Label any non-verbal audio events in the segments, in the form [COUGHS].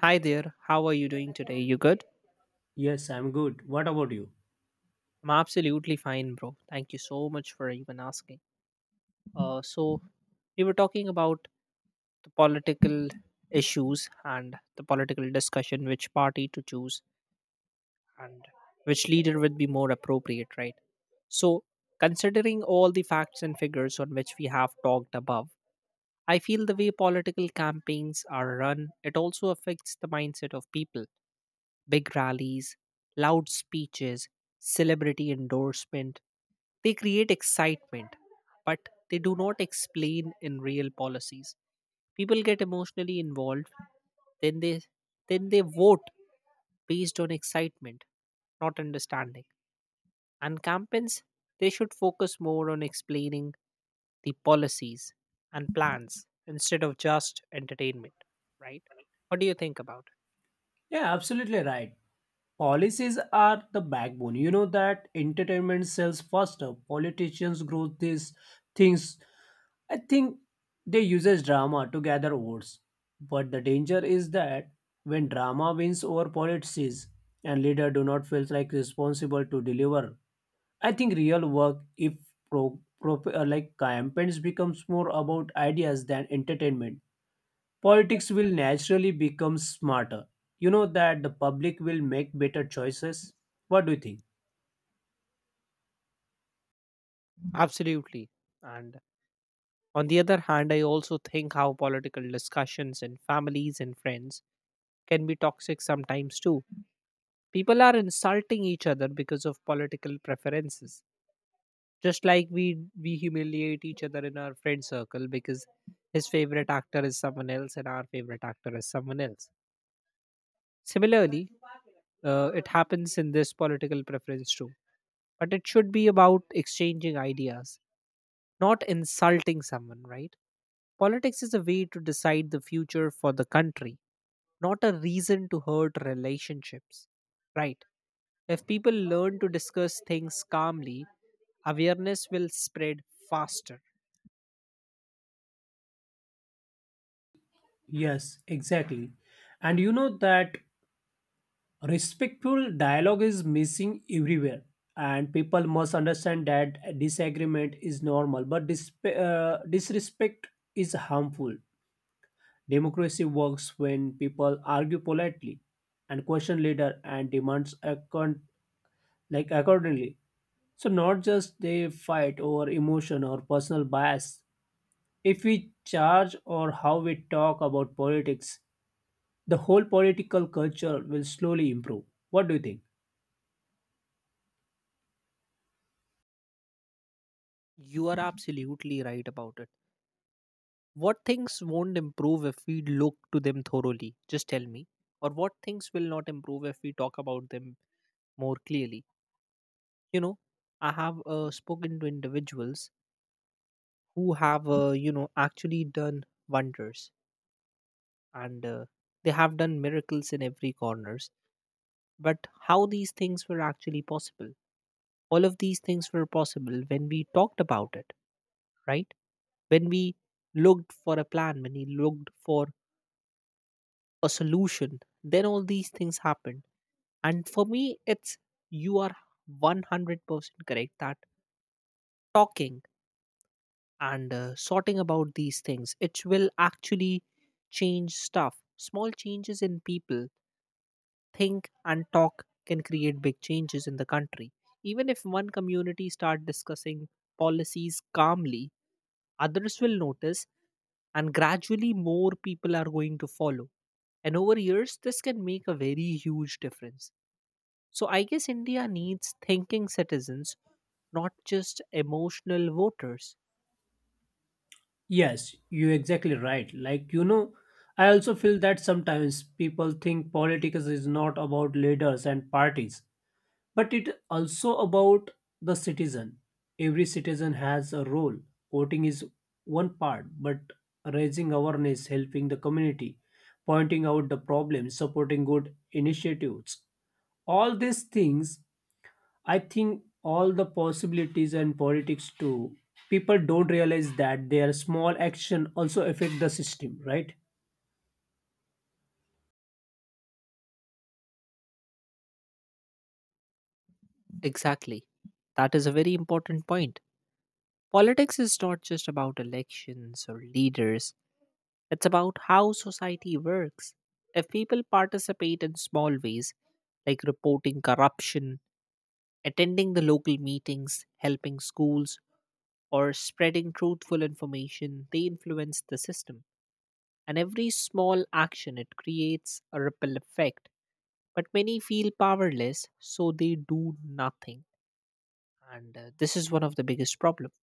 Hi there, how are you doing today? You good? Yes, I'm good. What about you? I'm absolutely fine, bro. Thank you so much for even asking. Uh, so, we were talking about the political issues and the political discussion, which party to choose and which leader would be more appropriate, right? So, considering all the facts and figures on which we have talked above, I feel the way political campaigns are run, it also affects the mindset of people, big rallies, loud speeches, celebrity endorsement. They create excitement, but they do not explain in real policies. People get emotionally involved, then they then they vote based on excitement, not understanding. And campaigns, they should focus more on explaining the policies and plans instead of just entertainment, right? What do you think about it? Yeah, absolutely right. Policies are the backbone. You know that entertainment sells faster. Politicians grow these things. I think they uses drama to gather votes. But the danger is that when drama wins over policies and leader do not feel like responsible to deliver, I think real work if like campaigns becomes more about ideas than entertainment. Politics will naturally become smarter. You know that the public will make better choices. What do you think? Absolutely. And on the other hand, I also think how political discussions in families and friends can be toxic sometimes too. People are insulting each other because of political preferences. Just like we humiliate each other in our friend circle because his favorite actor is someone else and our favorite actor is someone else. Similarly, it happens in this political preference too. But it should be about exchanging ideas, not insulting someone, right? Politics is a way to decide the future for the country, not a reason to hurt relationships, right? If people learn to discuss things calmly, awareness will spread faster. Yes, exactly. And you know that respectful dialogue is missing everywhere. And people must understand that disagreement is normal, but disrespect is harmful. Democracy works when people argue politely and question leader and like accordingly. So not just they fight over emotion or personal bias. If we charge or how we talk about politics, the whole political culture will slowly improve. What do you think? You are absolutely right about it. What things won't improve if we look to them thoroughly? Just tell me. Or what things will not improve if we talk about them more clearly? You know, I have spoken to individuals who have actually done wonders, and they have done miracles in every corners. But how these things were actually possible? All of these things were possible when we talked about it, right? When we looked for a plan, when we looked for a solution, then all these things happened. And for me, it's you are 100% correct that talking and sorting about these things, it will actually change stuff. Small changes in people think and talk can create big changes in the country. Even if one community start discussing policies calmly, others will notice and gradually more people are going to follow, and over years this can make a very huge difference. So I guess India needs thinking citizens, not just emotional voters. Yes, you're exactly right. Like, you know, I also feel that sometimes people think politics is not about leaders and parties, but it also about the citizen. Every citizen has a role. Voting is one part, but raising awareness, helping the community, pointing out the problems, supporting good initiatives, all these things, I think, all the possibilities and politics too. People don't realize that their small action also affect the system, right? Exactly. That is a very important point. Politics is not just about elections or leaders, it's about how society works. If people participate in small ways, like reporting corruption, attending the local meetings, helping schools, or spreading truthful information, they influence the system. And every small action, it creates a ripple effect. But many feel powerless, so they do nothing. And this is one of the biggest problems.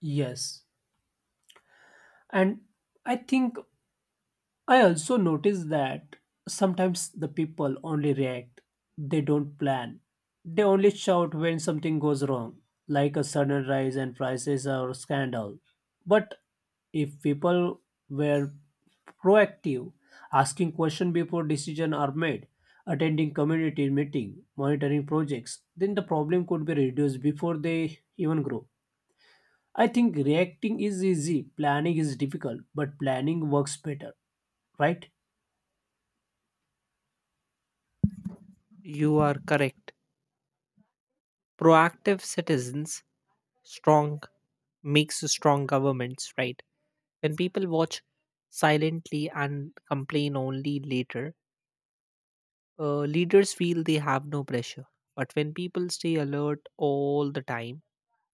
Yes, and I think I also notice that sometimes the people only react, they don't plan. They only shout when something goes wrong, like a sudden rise in prices or scandal. But if people were proactive, asking questions before decisions are made, attending community meeting, monitoring projects, then the problem could be reduced before they even grow. I think reacting is easy, planning is difficult, but planning works better, right? You are correct. Proactive citizens, strong makes strong governments, right? When people watch silently and complain only later, leaders feel they have no pressure. But when people stay alert all the time,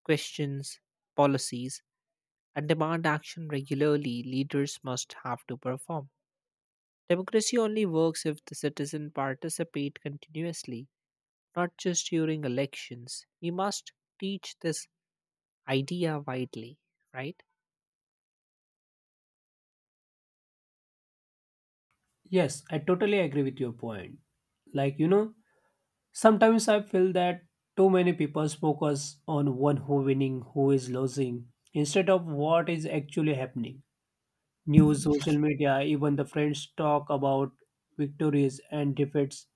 questions, policies, and demand action regularly, leaders must have to perform. Democracy only works if the citizen participate continuously, not just during elections. We must teach this idea widely, right? Yes, I totally agree with your point. Like, you know, sometimes I feel that too many people focus on one who winning, who is losing, instead of what is actually happening. News, social media, even the friends talk about victories and defeats.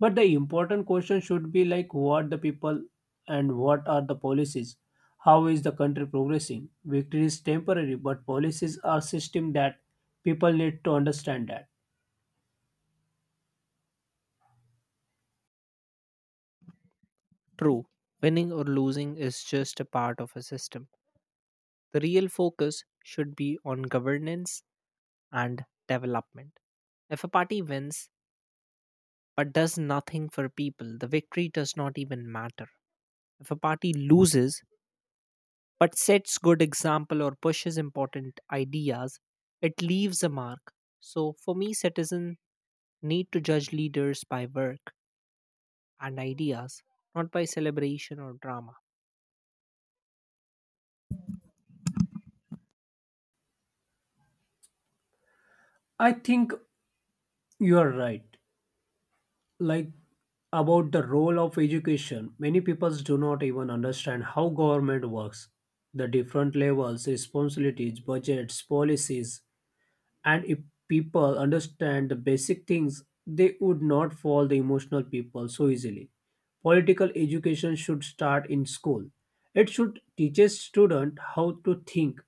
But the important question should be like what the people and what are the policies? How is the country progressing? Victory is temporary, but policies are system that people need to understand that. True, winning or losing is just a part of a system. The real focus should be on governance and development. If a party wins but does nothing for people, the victory does not even matter. If a party loses but sets good example or pushes important ideas, it leaves a mark. So for me, citizens need to judge leaders by work and ideas, not by celebration or drama. I think you are right. Like about the role of education, many people do not even understand how government works. The different levels, responsibilities, budgets, policies, and if people understand the basic things, they would not fall the emotional people so easily. Political education should start in school. It should teach a student how to think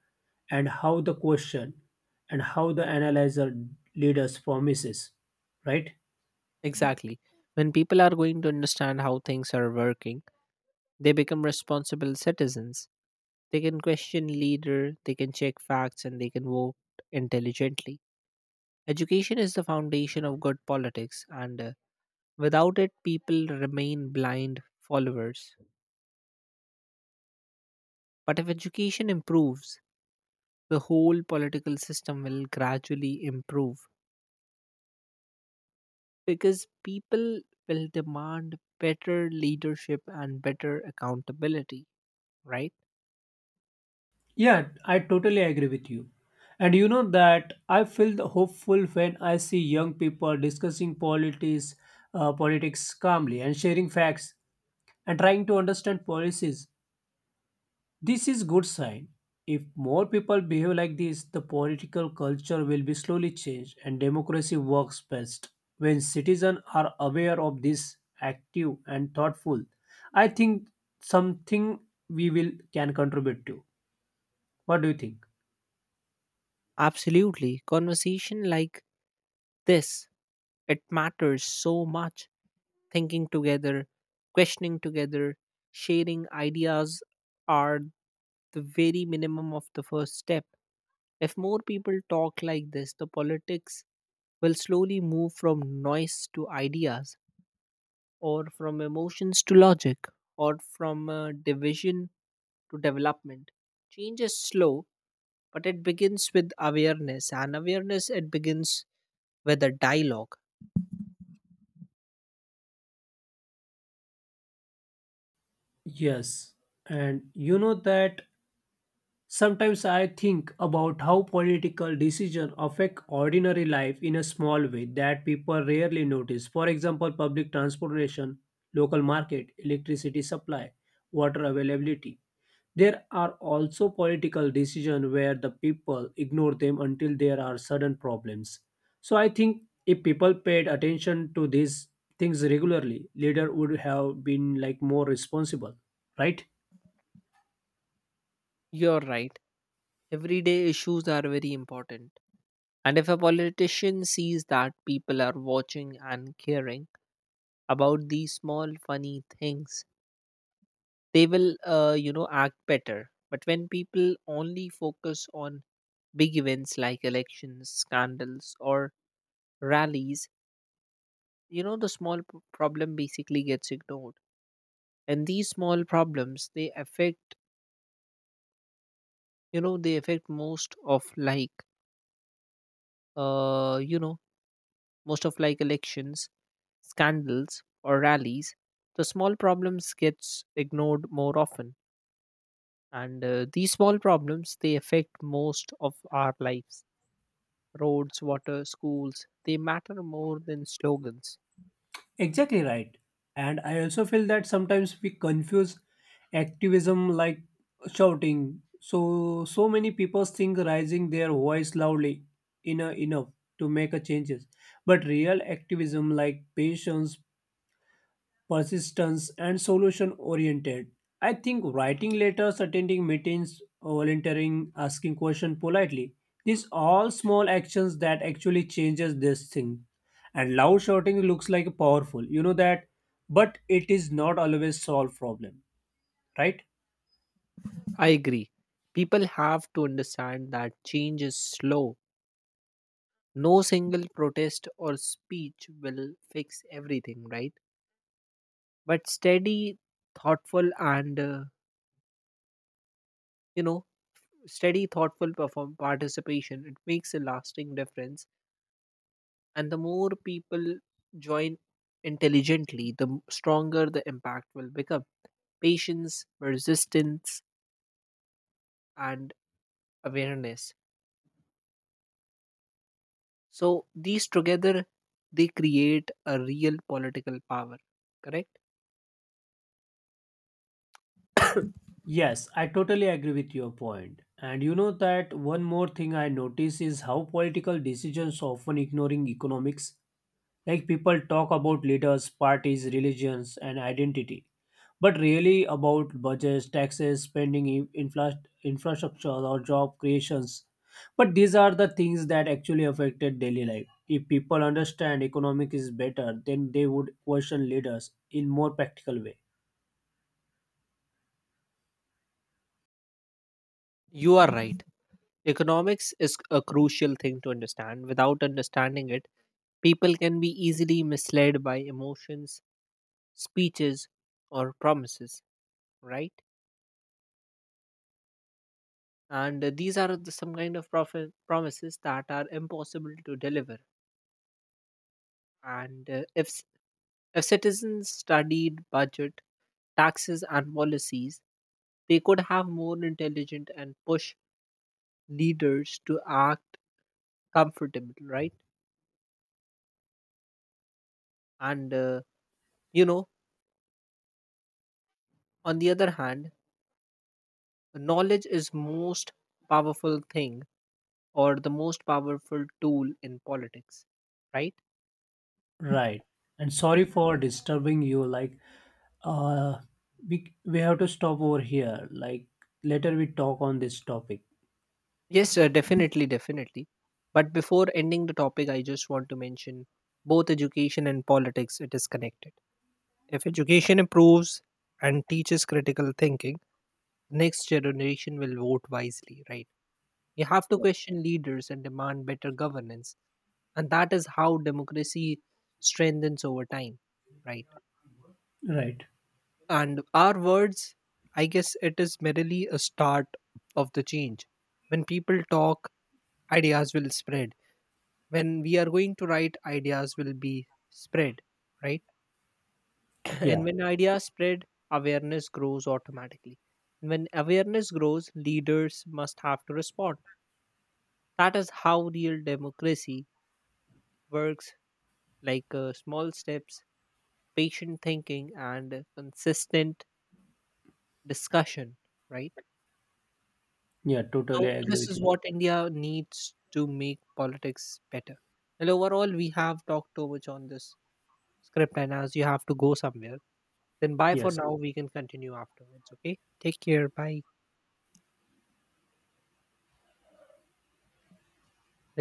and how the question and how the analyzer leaders promises, right? Exactly. When people are going to understand how things are working, they become responsible citizens. They can question leader, they can check facts, and they can vote intelligently. Education is the foundation of good politics, and without it, people remain blind followers. But if education improves, the whole political system will gradually improve, because people will demand better leadership and better accountability, right? Yeah, I totally agree with you. And you know that I feel the hopeful when I see young people discussing politics, politics calmly and sharing facts and trying to understand policies. This is good sign. If more people behave like this, the political culture will be slowly changed and democracy works best when citizens are aware of this, active and thoughtful. I think something we will can contribute to. What do you think? Absolutely. Conversation like this, it matters so much. Thinking together, questioning together, sharing ideas are the very minimum of the first step. If more people talk like this, the politics will slowly move from noise to ideas, or from emotions to logic, or from division to development. Change is slow, but it begins with awareness, and awareness it begins with a dialogue. Yes, and you know that sometimes I think about how political decisions affect ordinary life in a small way that people rarely notice. For example, public transportation, local market, electricity supply, water availability. There are also political decisions where the people ignore them until there are sudden problems. So I think if people paid attention to these things regularly, leader would have been like more responsible, right? You're right. Everyday issues are very important. And if a politician sees that people are watching and caring about these small funny things, they will, act better. But when people only focus on big events like elections, scandals, or rallies, you know, the small problem basically gets ignored, and these small problems they affect, they affect most of like uh you know most of like elections, scandals or rallies. The small problems gets ignored more often, and these small problems they affect most of our lives. Roads, water, schools, they matter more than slogans. Exactly right. And I also feel that sometimes we confuse activism like shouting. So many people think raising their voice loudly enough to make a changes. But real activism like patience, persistence, and solution oriented. I think writing letters, attending meetings, volunteering, asking questions politely. These all small actions that actually changes this thing. And loud shouting looks like powerful, you know that, but it is not always solve problem, right? I agree. People have to understand that change is slow. No single protest or speech will fix everything, right? But steady, thoughtful, and you know steady thoughtful perform participation, it makes a lasting difference. And the more people join intelligently, the stronger the impact will become. Patience, persistence, and awareness, so these together, they create a real political power, correct? Yes, I totally agree with your point. And you know that one more thing I notice is how political decisions often ignoring economics. Like people talk about leaders, parties, religions, and identity, but really about budgets, taxes, spending, infrastructure, or job creations. But these are the things that actually affected daily life. If people understand economic is better, then they would question leaders in more practical way. You are right. Economics is a crucial thing to understand. Without understanding it, people can be easily misled by emotions, speeches, or promises, right? And these are the some kind of promises that are impossible to deliver. And if citizens studied budget, taxes, and policies, they could have more intelligent and push leaders to act comfortable, right? And uh, you know on the other hand, knowledge is most powerful thing, or the most powerful tool in politics, right? Right. And sorry for disturbing you. Like, uh, we have to stop over here. Like later we talk on this topic. Yes, definitely. But before ending the topic, I just want to mention both education and politics, it is connected. If education improves and teaches critical thinking, next generation will vote wisely, right? You have to question leaders and demand better governance. And that is how democracy strengthens over time, right? Right. And our words, I guess it is merely a start of the change. When people talk, ideas will spread. When we are going to write, ideas will be spread, right? [COUGHS] [CLEARS THROAT] And Yeah. when ideas spread, awareness grows automatically. And when awareness grows, leaders must have to respond. That is how real democracy works, like small steps, patient thinking, and consistent discussion, right? Yeah, totally So agree this with is you. what India needs to make politics better. And overall, we have talked too much on this script, and as you have to go somewhere, then bye for Yes. now. We can continue afterwards. Okay, take care. Bye.